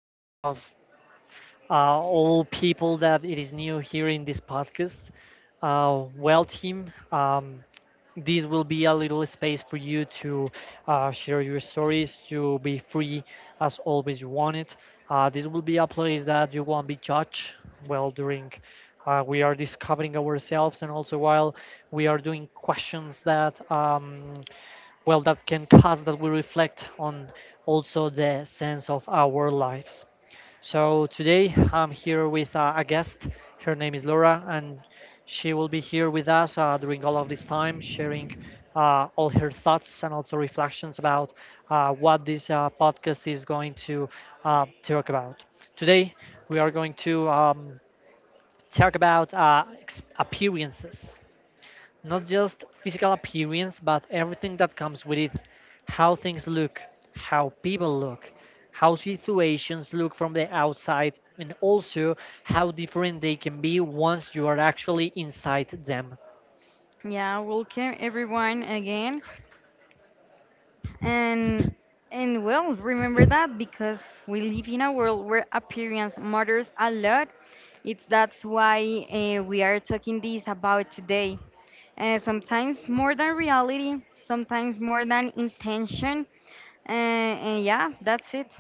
uh, f- all people that it is new here in this podcast. Team, this will be a little space for you to share your stories, to be free as always you want it. This will be a place that you won't be judged. Well, during we are discovering ourselves, and also while we are doing questions that. Well that can cause that we reflect on also the sense of our lives. So today I'm here with a guest. Her name is Laura, and she will be here with us during all of this time sharing all her thoughts and also reflections about what this podcast is going to talk about. Today we are going to talk about appearances, not just physical appearance, but everything that comes with it. How things look, how people look, how situations look from the outside, and also how different they can be once you are actually inside them. Yeah, welcome everyone again. And and well, remember that because we live in a world where appearance matters a lot. It's That's why we are talking this about today. Sometimes more than reality, sometimes more than intention. And yeah, that's it.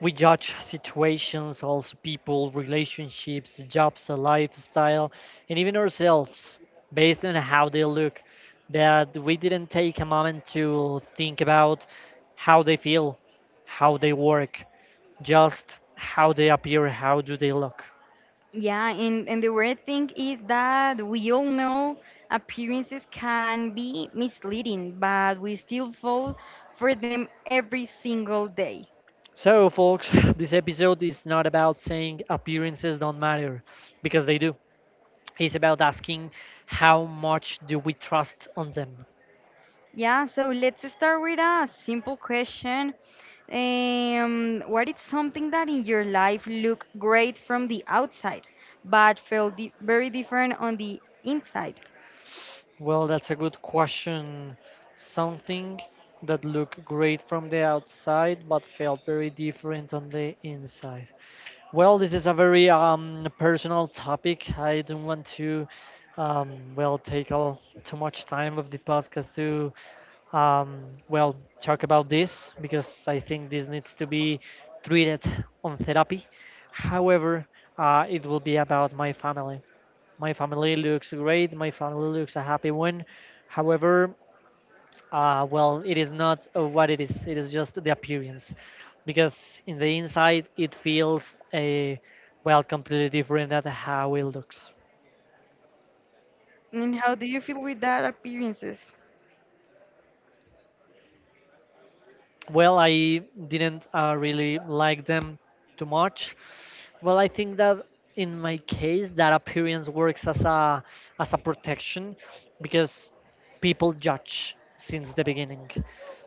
We judge situations, also people, relationships, jobs, a lifestyle, and even ourselves based on how they look. But we didn't take a moment to think about how they feel, how they work, just how they appear, how do they look. Yeah, and the weird thing is that we all know appearances can be misleading, but we still fall for them every single day. So, folks, this episode is not about saying appearances don't matter, because they do. It's about asking how much do we trust on them. Yeah, so let's start with a simple question. What is something that in your life look great from the outside, but felt di very different on the inside? Well, that's a good question. Something that looked great from the outside but felt very different on the inside. Well, this is a very personal topic. I don't want to well take all too much time of the podcast to well, talk about this because I think this needs to be treated on therapy. However, it will be about my family. My family looks great. My family looks a happy one. However, well, it is not what it is. It is just the appearance, because in the inside it feels a well completely different than how it looks. And how do you feel with that appearances? Well, I didn't really like them too much. Well, I think that in my case, that appearance works as a protection, because people judge since the beginning.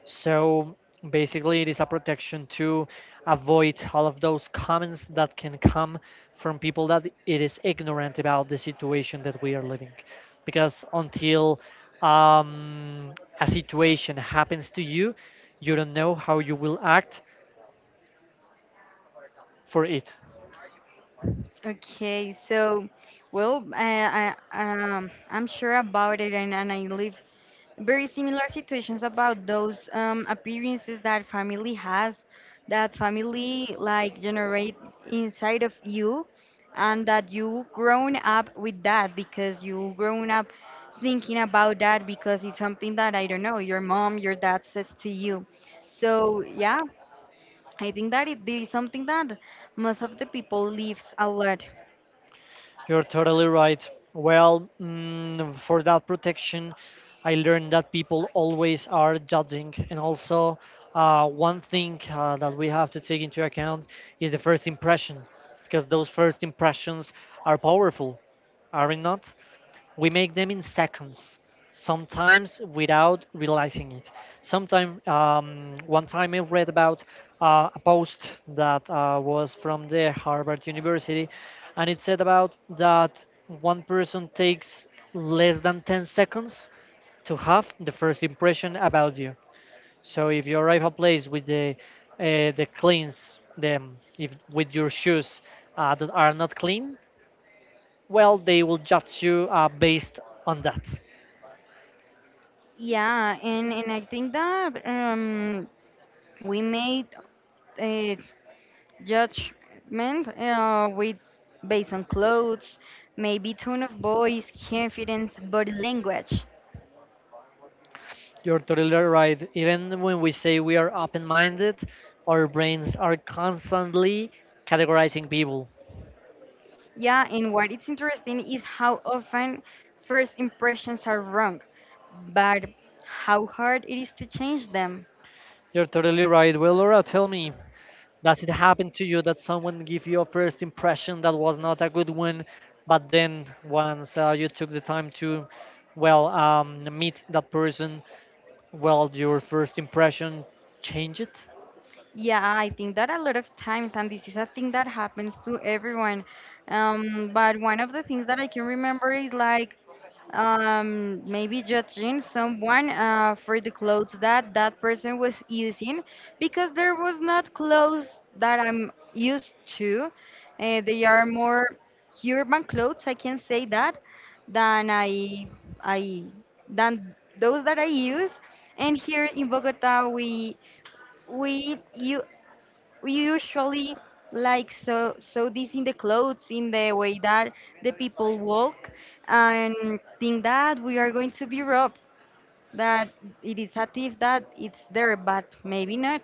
So basically, it is a protection to avoid all of those comments that can come from people that it is ignorant about the situation that we are living. Because until um, a situation happens to you, you don't know how you will act for it. Okay, so well, I'm sure about it, and I live very similar situations about those appearances that family has, that family like generate inside of you, and that you grown up with that because you grown up thinking about that because it's something that I don't know your mom, your dad says to you. So yeah, I think that it is something that most of the people lives a lot. You're totally right. Well, for that protection, I learned that people always are judging. And also, one thing that we have to take into account is the first impression, because those first impressions are powerful, are they not? We make them in seconds, sometimes without realizing it. Sometime one time I read about a post that was from the Harvard University, and it said about that one person takes less than 10 seconds to have the first impression about you. So if you arrive a place with the cleans them if with your shoes that are not clean, well they will judge you based on that. Yeah, and I think that we made a judgment with based on clothes, maybe tone of voice, confidence, body language. You're totally right. Even when we say we are open minded, our brains are constantly categorizing people. Yeah, and what is interesting is how often first impressions are wrong, but how hard it is to change them. You're totally right. Well, Laura, tell me, does it happen to you that someone give you a first impression that was not a good one, but then once you took the time to, well, meet that person, well, your first impression change it? Yeah, I think that a lot of times, and this is a thing that happens to everyone. But one of the things that I can remember is like maybe judging someone for the clothes that person was using because there was not clothes that I'm used to. Uh, they are more urban clothes, I can say that, than I than those that I use. And here in Bogota we you we usually like so this in the clothes, in the way that the people walk, and think that we are going to be robbed, that it is a thief that it's there, but maybe not.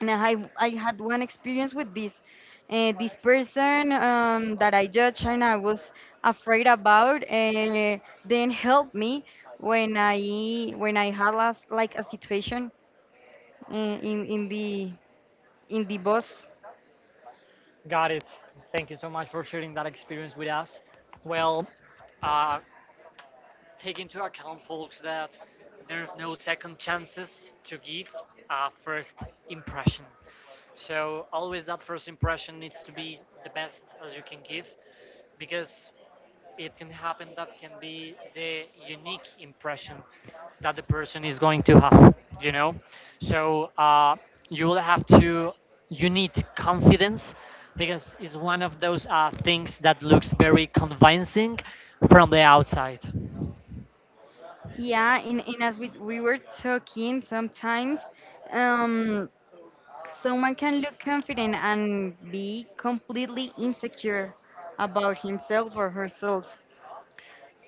And I had one experience with this. Uh, this person, that I judged and I was afraid about, then helped me when I had last, like a situation, in the bus. Got it. Thank you so much for sharing that experience with us. Well, uh, take into account, folks, that there's no second chances to give a first impression. So always that first impression needs to be the best as you can give, because it can happen that can be the unique impression that the person is going to have. So you will have to you need confidence, because it's one of those things that looks very convincing from the outside. Yeah, and, as we were talking, sometimes um, someone can look confident and be completely insecure about himself or herself.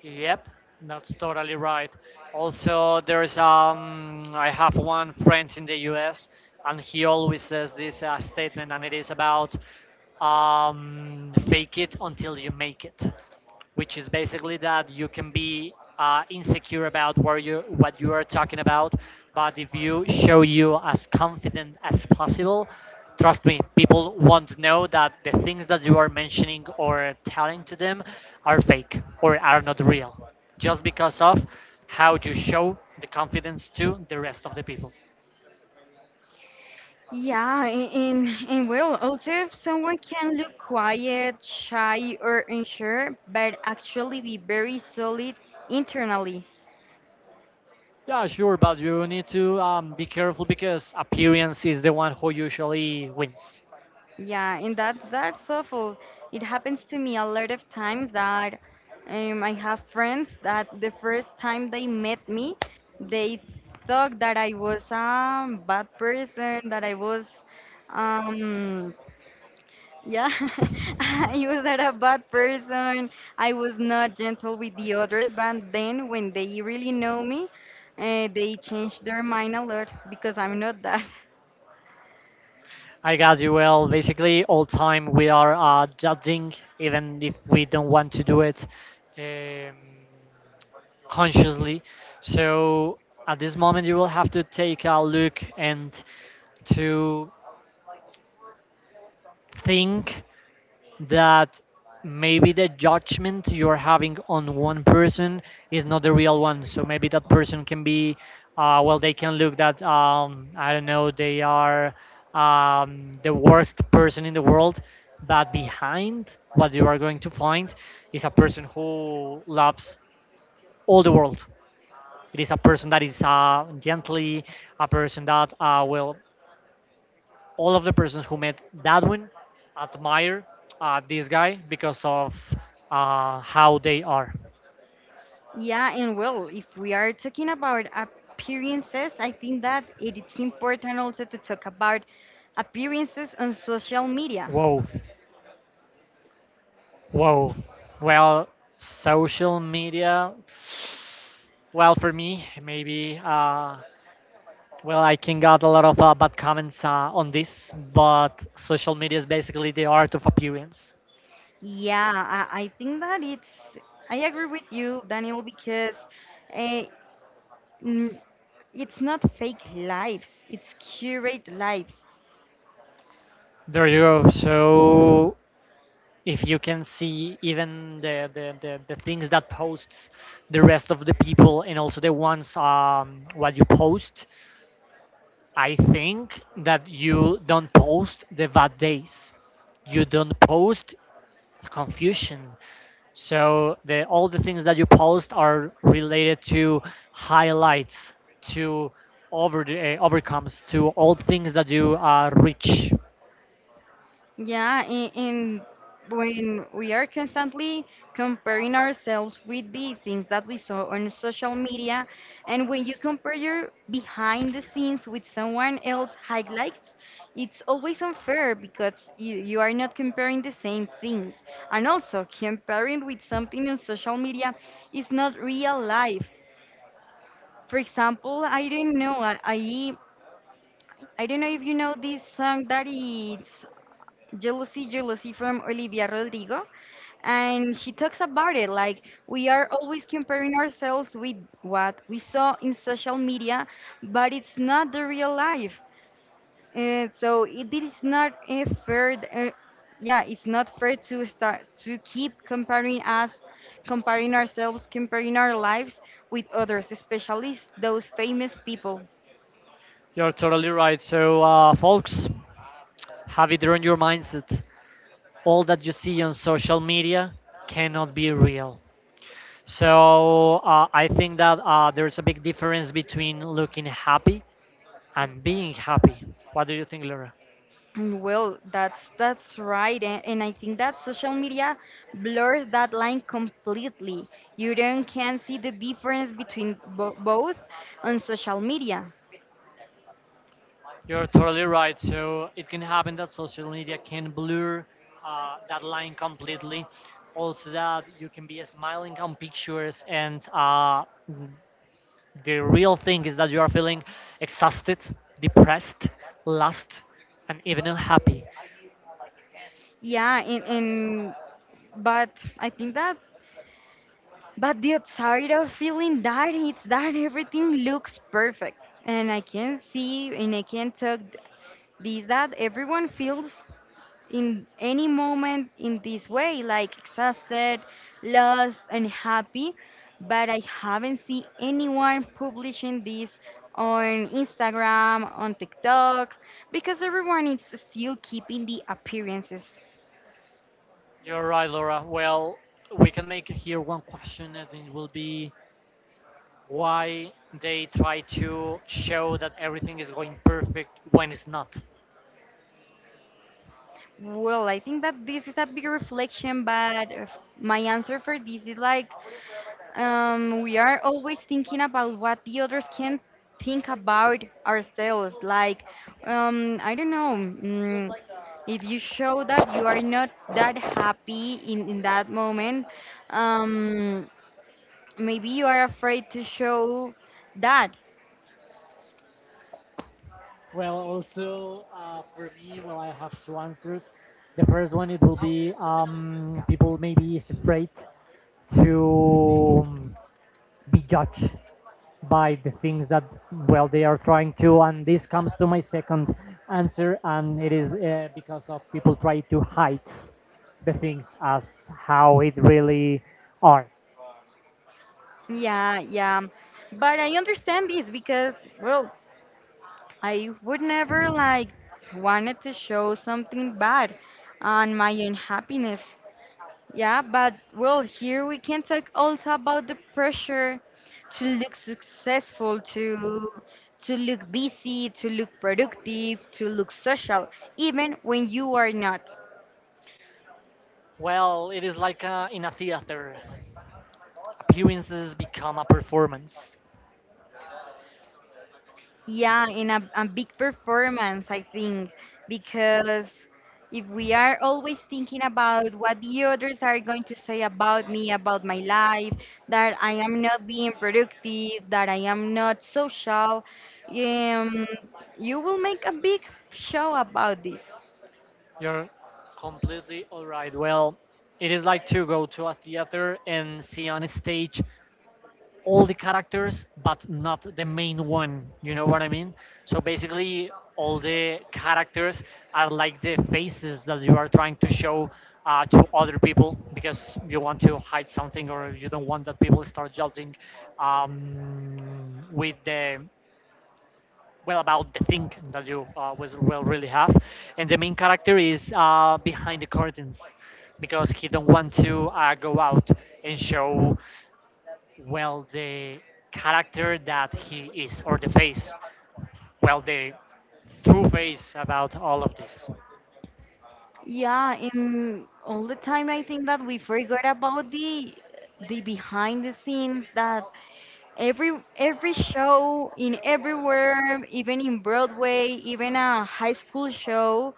Yep, that's totally right. Also, there's I have one friend in the U.S., and he always says this statement, and it is about fake it until you make it, which is basically that you can be insecure about where you what you are talking about, but if you show you as confident as possible, trust me, people won't know that the things that you are mentioning or telling to them are fake or are not real, just because of how you show the confidence to the rest of the people. Yeah, and well, also someone can look quiet, shy, or unsure, but actually be very solid internally. Yeah, sure, but you need to be careful because appearance is the one who usually wins. Yeah, and that's awful. It happens to me a lot of times that I have friends that the first time they met me, they thought that I was a bad person, that um, yeah, I was not a bad person. I was not gentle with the others, but then when they really know me, they change their mind a lot because I'm not that. I got you. Well, basically, all time we are judging, even if we don't want to do it um, consciously. So at this moment, you will have to take a look and to think that maybe the judgment you're having on one person is not the real one. So maybe that person can be, well, they can look that, I don't know, they are the worst person in the world. But behind what you are going to find is a person who loves all the world. It is a person that is gently, a person that will all of the persons who met Dadwin admire this guy because of how they are. Yeah, and well, if we are talking about appearances, I think that it is important also to talk about appearances on social media. Whoa, whoa. Well, social media. Well, for me, maybe. Well, I can got a lot of bad comments on this, but social media is basically the art of appearance. Yeah, I think that I agree with you, Daniel, because uh, it's not fake lives, it's curate lives. There you go. So if you can see even the things that posts the rest of the people and also the ones what you post, I think that you don't post the bad days, you don't post confusion. So the all the things that you post are related to highlights, to over the, overcomes to all things that you reach. Yeah, and when we are constantly comparing ourselves with the things that we saw on social media, and when you compare your behind the scenes with someone else highlights, it's always unfair because you are not comparing the same things. And also, comparing with something on social media is not real life. For example, I don't know if you know this song that it's Jealousy, Jealousy from Olivia Rodrigo. And she talks about it like we are always comparing ourselves with what we saw in social media, but it's not the real life. And so it is not a fair. Yeah, it's not fair to start to keep comparing us, comparing ourselves, comparing our lives with others, especially those famous people. You're totally right. So folks, have it on your mindset all that you see on social media cannot be real. So I think that there's a big difference between looking happy and being happy. What do you think, Laura? Mm, well, that's right, and I think that social media blurs that line completely. You don't can see the difference between bo both on social media. You're totally right. So it can happen that social media can blur that line completely. Also, that you can be smiling on pictures, and the real thing is that you are feeling exhausted, depressed, lost, and even unhappy. Yeah, and but I think that but the outside of feeling that it's that everything looks perfect, and I can see and I can talk this that everyone feels in any moment in this way, like exhausted, lost, and happy, but I haven't seen anyone publishing this on Instagram, on TikTok, because everyone is still keeping the appearances. You're right, Laura. Well, we can make here one question, and it will be why they try to show that everything is going perfect when it's not. Well, I think that this is a big reflection, but my answer for this is like we are always thinking about what the others can think about ourselves. Like, I don't know, if you show that you are not that happy in that moment, um, maybe you are afraid to show that. Well, also for me, well, I have two answers. The first one it will be people maybe is afraid to be judged by the things that well they are trying to, and this comes to my second answer, and it is because of people try to hide the things as how it really are. Yeah, yeah. But I understand this because, well, I would never like wanted to show something bad on my unhappiness. Yeah, but well, here we can talk also about the pressure to look successful, to look busy, to look productive, to look social, even when you are not. Well, it is like in a theater. Appearances become a performance. Yeah, in a big performance, I think, because if we are always thinking about what the others are going to say about me, about my life, that I am not being productive, that I am not social, um, you will make a big show about this. You're completely alright. Well, it is like to go to a theater and see on a stage all the characters but not the main one, you know what I mean. So basically all the characters are like the faces that you are trying to show to other people because you want to hide something or you don't want that people start judging with the well about the thing that you will really have. And the main character is behind the curtains, because he don't want to go out and show well the character that he is or the face, well the true face about all of this. Yeah, and all the time I think that we forgot about the behind the scenes, that every every show in everywhere, even in Broadway, even a high school show,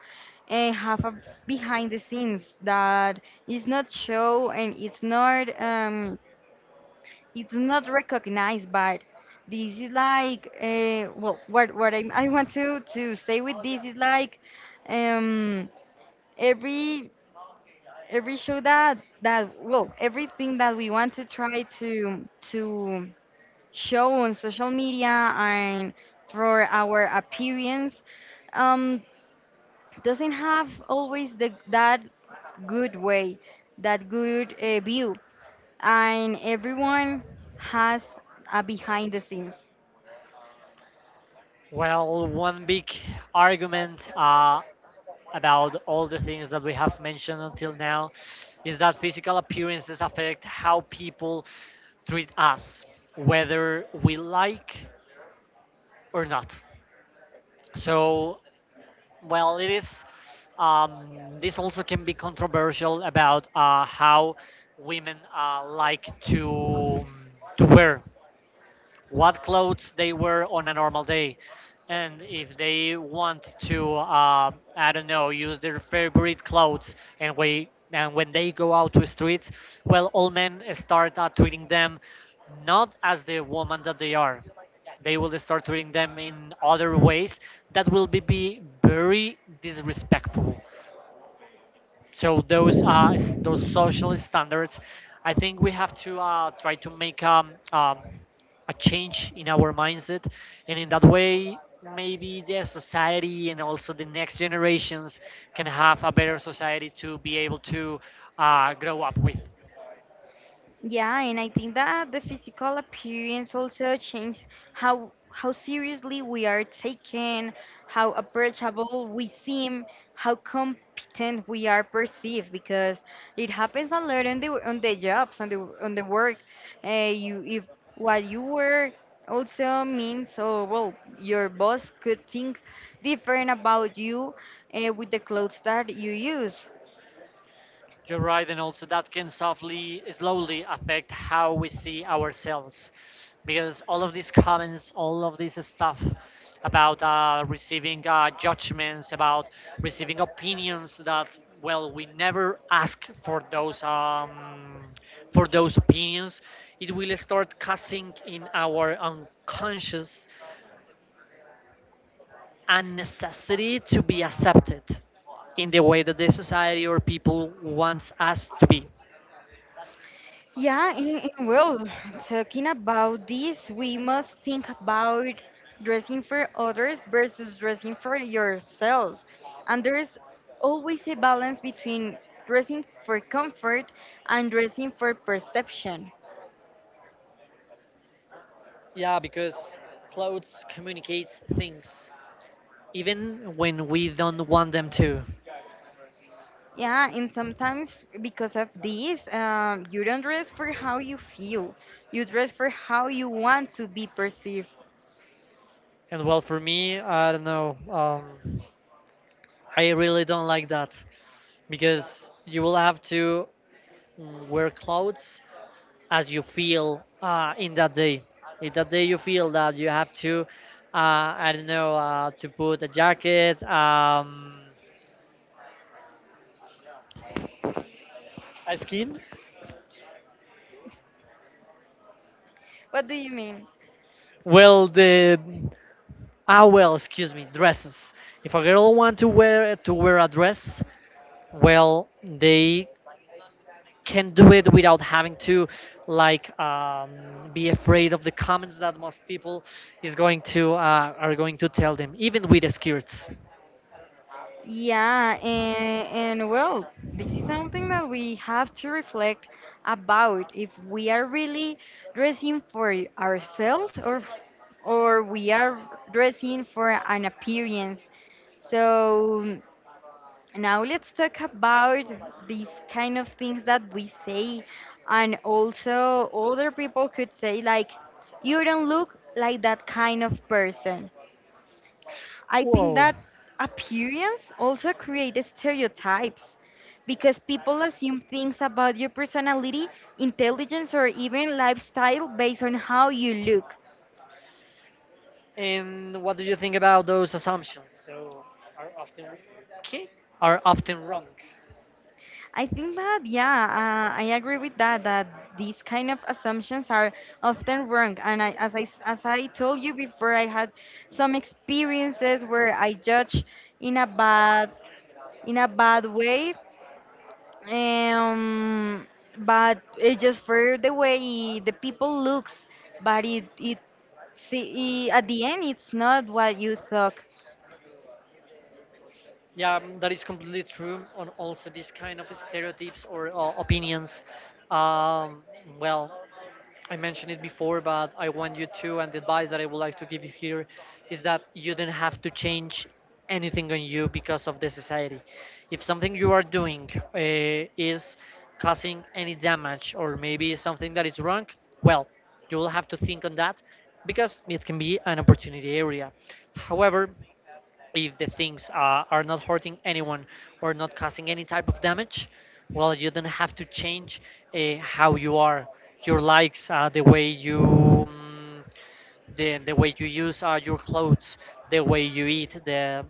and have a behind the scenes that is not show and it's not recognized. But this is like well, what I want to say with this is like um every every show that well, everything that we want to try to show on social media and for our appearance um, doesn't have always that good way, that good view. And everyone has a behind the scenes. Well, one big argument about all the things that we have mentioned until now is that physical appearances affect how people treat us, whether we like or not. So well, it is. This also can be controversial about how women like to wear what clothes they wear on a normal day. And if they want to, I don't know, use their favorite clothes, and we and when they go out to streets, well, all men start treating them not as the woman that they are. They will start treating them in other ways that will be very disrespectful. So those those social standards, I think we have to try to make a change in our mindset, and in that way, maybe the society and also the next generations can have a better society to be able to grow up with. Yeah, and I think that the physical appearance also changes how seriously we are taken, how approachable we seem, how competent we are perceived. Because it happens a lot on the jobs, on the work. You, if what you wear also means, oh well, your boss could think different about you with the clothes that you use. You're right, and also that can softly, slowly affect how we see ourselves, because all of these comments, all of this stuff about receiving judgments, about receiving opinions that, well, we never ask for those, for those opinions. It will start casting in our unconscious a necessity to be accepted in the way that the society or people wants us to be. Yeah, and well, talking about this, we must think about dressing for others versus dressing for yourself. And there's always a balance between dressing for comfort and dressing for perception. Yeah, because clothes communicates things, even when we don't want them to. Yeah, and sometimes because of this, you don't dress for how you feel, you dress for how you want to be perceived. And well, for me, I don't know. I really don't like that, because you will have to wear clothes as you feel in that day. In that day, you feel that you have to, I don't know, to put a jacket, a skin. What do you mean? Well, the— ah, well, excuse me, dresses. If a girl want to wear a dress, well, they can do it without having to, like, be afraid of the comments that most people is going to— are going to tell them, even with the skirts. Yeah, and well, this is something that we have to reflect about if we are really dressing for ourselves or we are dressing for an appearance. So now let's talk about these kind of things that we say and also other people could say, like, you don't look like that kind of person. I think Whoa. that appearance also creates stereotypes because people assume things about your personality, intelligence, or even lifestyle based on how you look. And what do you think about those assumptions? So are often— okay, are often wrong. I think that, yeah, I agree with that, that these kind of assumptions are often wrong. And I, as, I, s- as I told you before, I had some experiences where I judged in a bad in a bad way, um but it just for the way the people looks, but it see, at the end it's not what you thought. Yeah, mm, that is completely true. On also these kind of stereotypes or opinions. Um, well, I mentioned it before, but I want you to. And the advice that I would like to give you here is that you don't have to change anything on you because of the society. If something you are doing is causing any damage or maybe something that is wrong, well, you will have to think on that because it can be an opportunity area. However, if the things are not hurting anyone or not causing any type of damage, well, you don't have to change how you are, your likes, the way you, the way you use your clothes, the way you eat, the—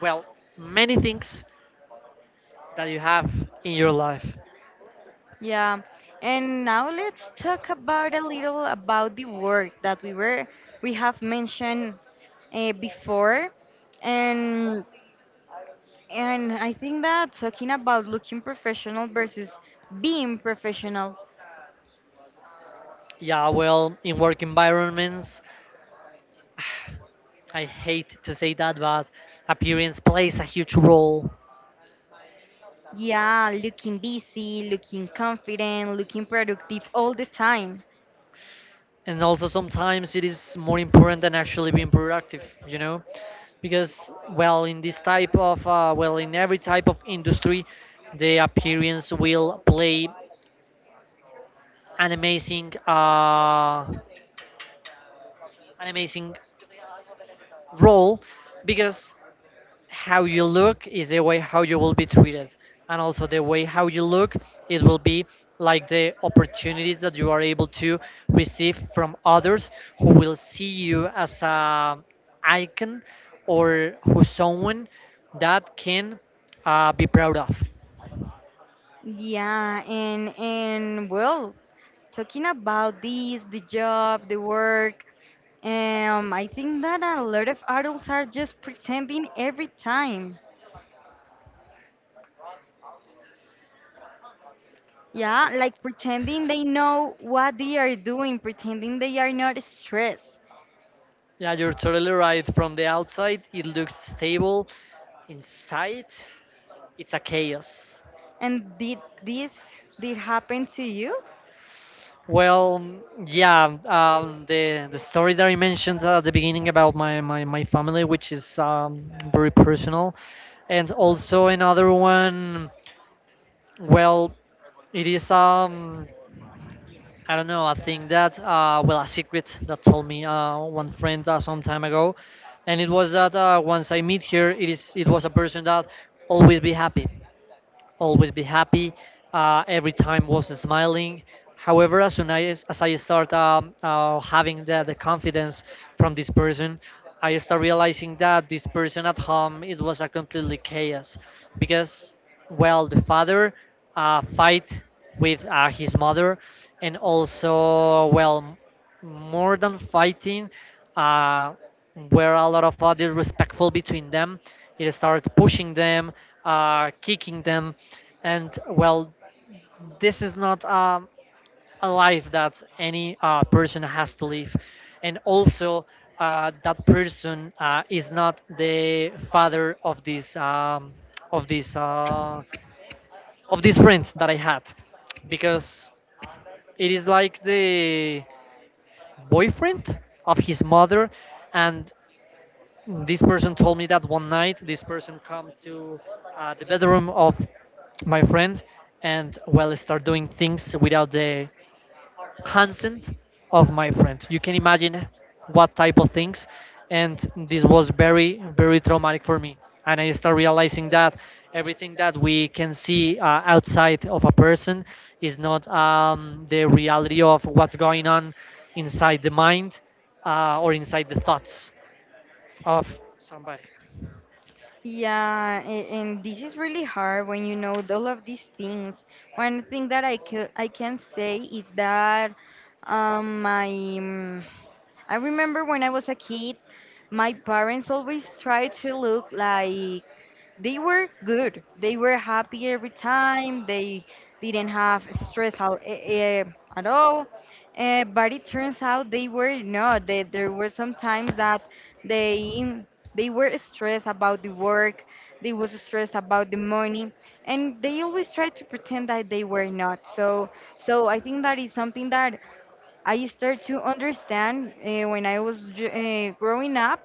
well, many things that you have in your life. Yeah, and now let's talk about a little about the work that we have mentioned before. And I think that talking about looking professional versus being professional, Yeah, well, in work environments, I hate to say that, but appearance plays a huge role. yeah, looking busy, looking confident, looking productive all the time. And also sometimes it is more important than actually being productive, you know, because, well, in this type of well, in every type of industry, the appearance will play an amazing uh, an amazing role, because how you look is the way how you will be treated. And also the way how you look, it will be like the opportunities that you are able to receive from others, who will see you as a icon or who someone that can be proud of. Yeah, and well, talking about this, the job, the work, I think that a lot of adults are just pretending every time. Yeah, like pretending they know what they are doing, pretending they are not stressed. Yeah, you're totally right. From the outside it looks stable, inside it's a chaos. And this did happen to you? Well, mm, yeah, the story that I mentioned at the beginning about my family, which is very personal, and also another one. Well, it is, um, I don't know. I think that, well, a secret that told me one friend some time ago, and it was that, once I meet her, it was a person that always be happy always be happy. Every time was smiling. However, as as I start, having the confidence from this person, I start realizing that this person at home it was a completely chaos, because, well, the father fight with his mother. And also, well, more than fighting, uh, were a lot of disrespectful between them. It started pushing them, kicking them, and well, this is not, a life that any person has to live. And also, that person is not the father of this, of this, of this friend that I had, because it is like the boyfriend of his mother. And this person told me that one night this person come to the bedroom of my friend, and well start doing things without the consent of my friend. You can imagine what type of things. And this was very, very traumatic for me. And I start realizing that everything that we can see outside of a person is not, the reality of what's going on inside the mind, or inside the thoughts of somebody. Yeah, and this is really hard when you know all of these things. One thing that I can say is that my I remember when I was a kid, my parents always tried to look like they were good. They were happy every time. They didn't have stress at all. Eh, but it turns out they were not. They, there were some times that they they were stressed about the work. They was stressed about the money, and they always tried to pretend that they were not. So I think that is something that I start to understand when I was growing up,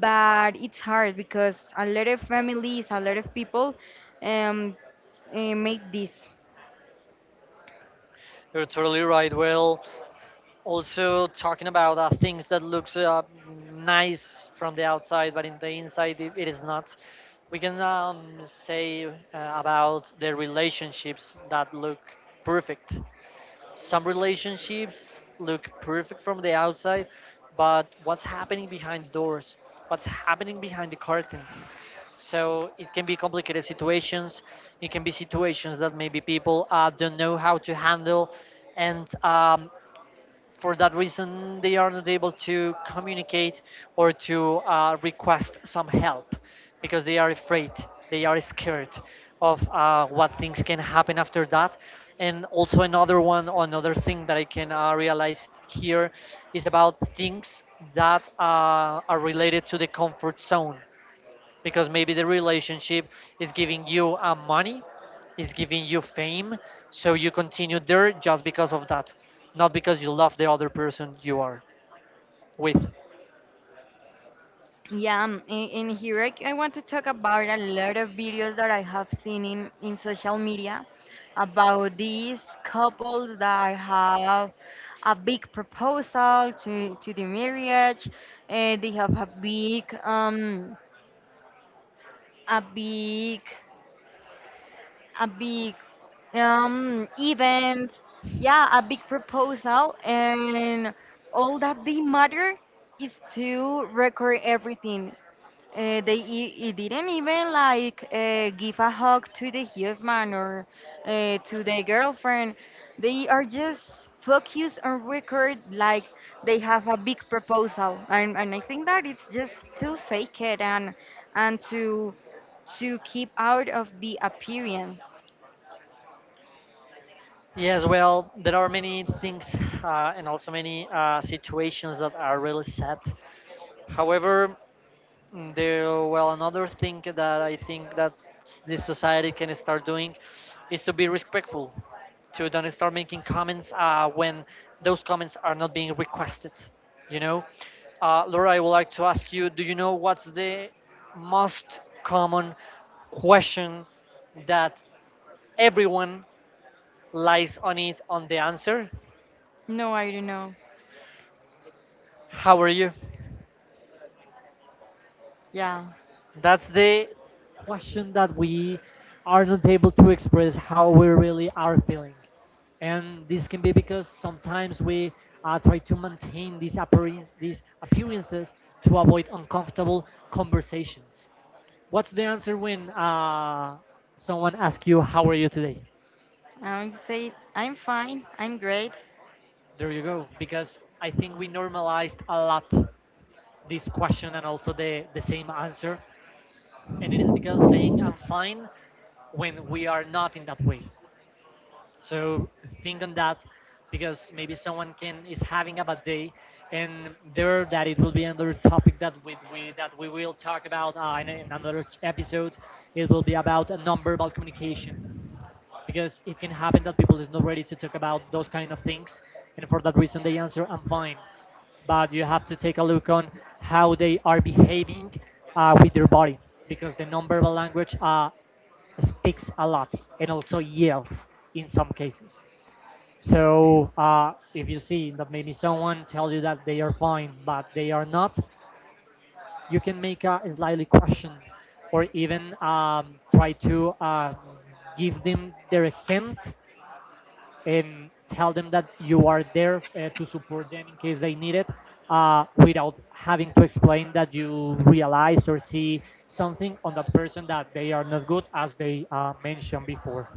but it's hard because a lot of families, a lot of people um, make this. You're totally right. Well, also talking about things that looks nice from the outside but in the inside it, it is not, we can, say about the relationships that look perfect. Some relationships look perfect from the outside, but what's happening behind the doors, what's happening behind the curtains? So it can be complicated situations, it can be situations that maybe people don't know how to handle, and, for that reason, they are not able to communicate or to request some help, because they are afraid, they are scared of what things can happen after that. And also another one, another thing that I can realize here is about things that are related to the comfort zone, because maybe the relationship is giving you money, is giving you fame, so you continue there just because of that, not because you love the other person you are with. Yeah, and here I want to talk about a lot of videos that I have seen in social media about these couples that have a big proposal to the marriage. They have a big a big a big events, yeah, a big proposal, and all that they matter is to record everything. They e- e didn't even like give a hug to the husband or to the girlfriend. They are just focused on record, like they have a big proposal, and I think that it's just to fake it, and and to to keep out of the appearance. Yes, well, there are many things, and also many situations that are really sad. However, mm, the— well, another thing that I think that this society can start doing is to be respectful, to don't start making comments when those comments are not being requested. You know, Laura, I would like to ask you: do you know what's the most common question that everyone lies on it on the answer? No, I don't know. How are you? Yeah, That's the question that we are not able to express how we really are feeling. And this can be because sometimes we try to maintain these appearances to avoid uncomfortable conversations. What's the answer when, someone asks you, how are you today? I would say I'm fine. I'm great. There you go. Because I think we normalized a lot this question and also the same answer. And it is because saying, I'm fine, when we are not in that way. So think on that, because maybe someone can is having a bad day, and there that it will be another topic that we will talk about in, episode. It will be about a nonverbal communication, because it can happen that people is not ready to talk about those kind of things, and for that reason they answer I'm fine, but you have to take a look on how they are behaving with their body, because the nonverbal language speaks a lot and also yells in some cases. So, if you see that maybe someone tells you that they are fine, but they are not, you can make a slightly question, or even, try to, give them their hint and tell them that you are there to support them in case they need it, without having to explain that you realize or see something on the person that they are not good as they mentioned before.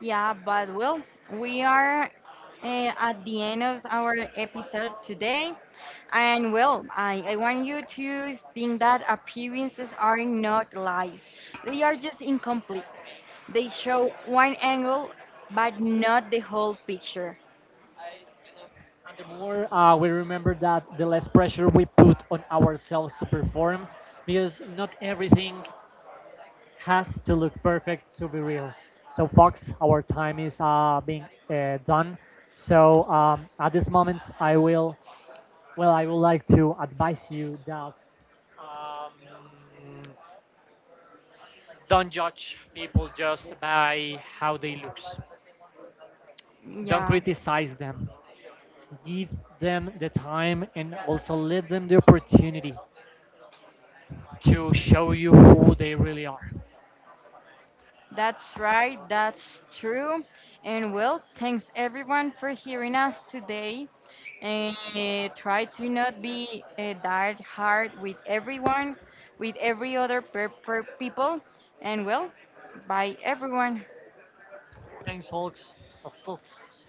Yeah, but well, we are at the end of our episode today. And well, I want you to think that appearances are not lies, they are just incomplete. They show one angle, but not the whole picture. And the more we remember that, the less pressure we put on ourselves to perform, because not everything has to look perfect to be real. So, Fox, our time is being done. So, at this moment, I will, well, I would like to advise you that, um, don't judge people just by how they looks. Don't Yeah. criticize them. Give them the time and also let them the opportunity to show you who they really are. That's right, that's true. And well, thanks everyone for hearing us today. And try to not be that hard with everyone, with every other people. And well, bye everyone. Thanks, folks. That's it.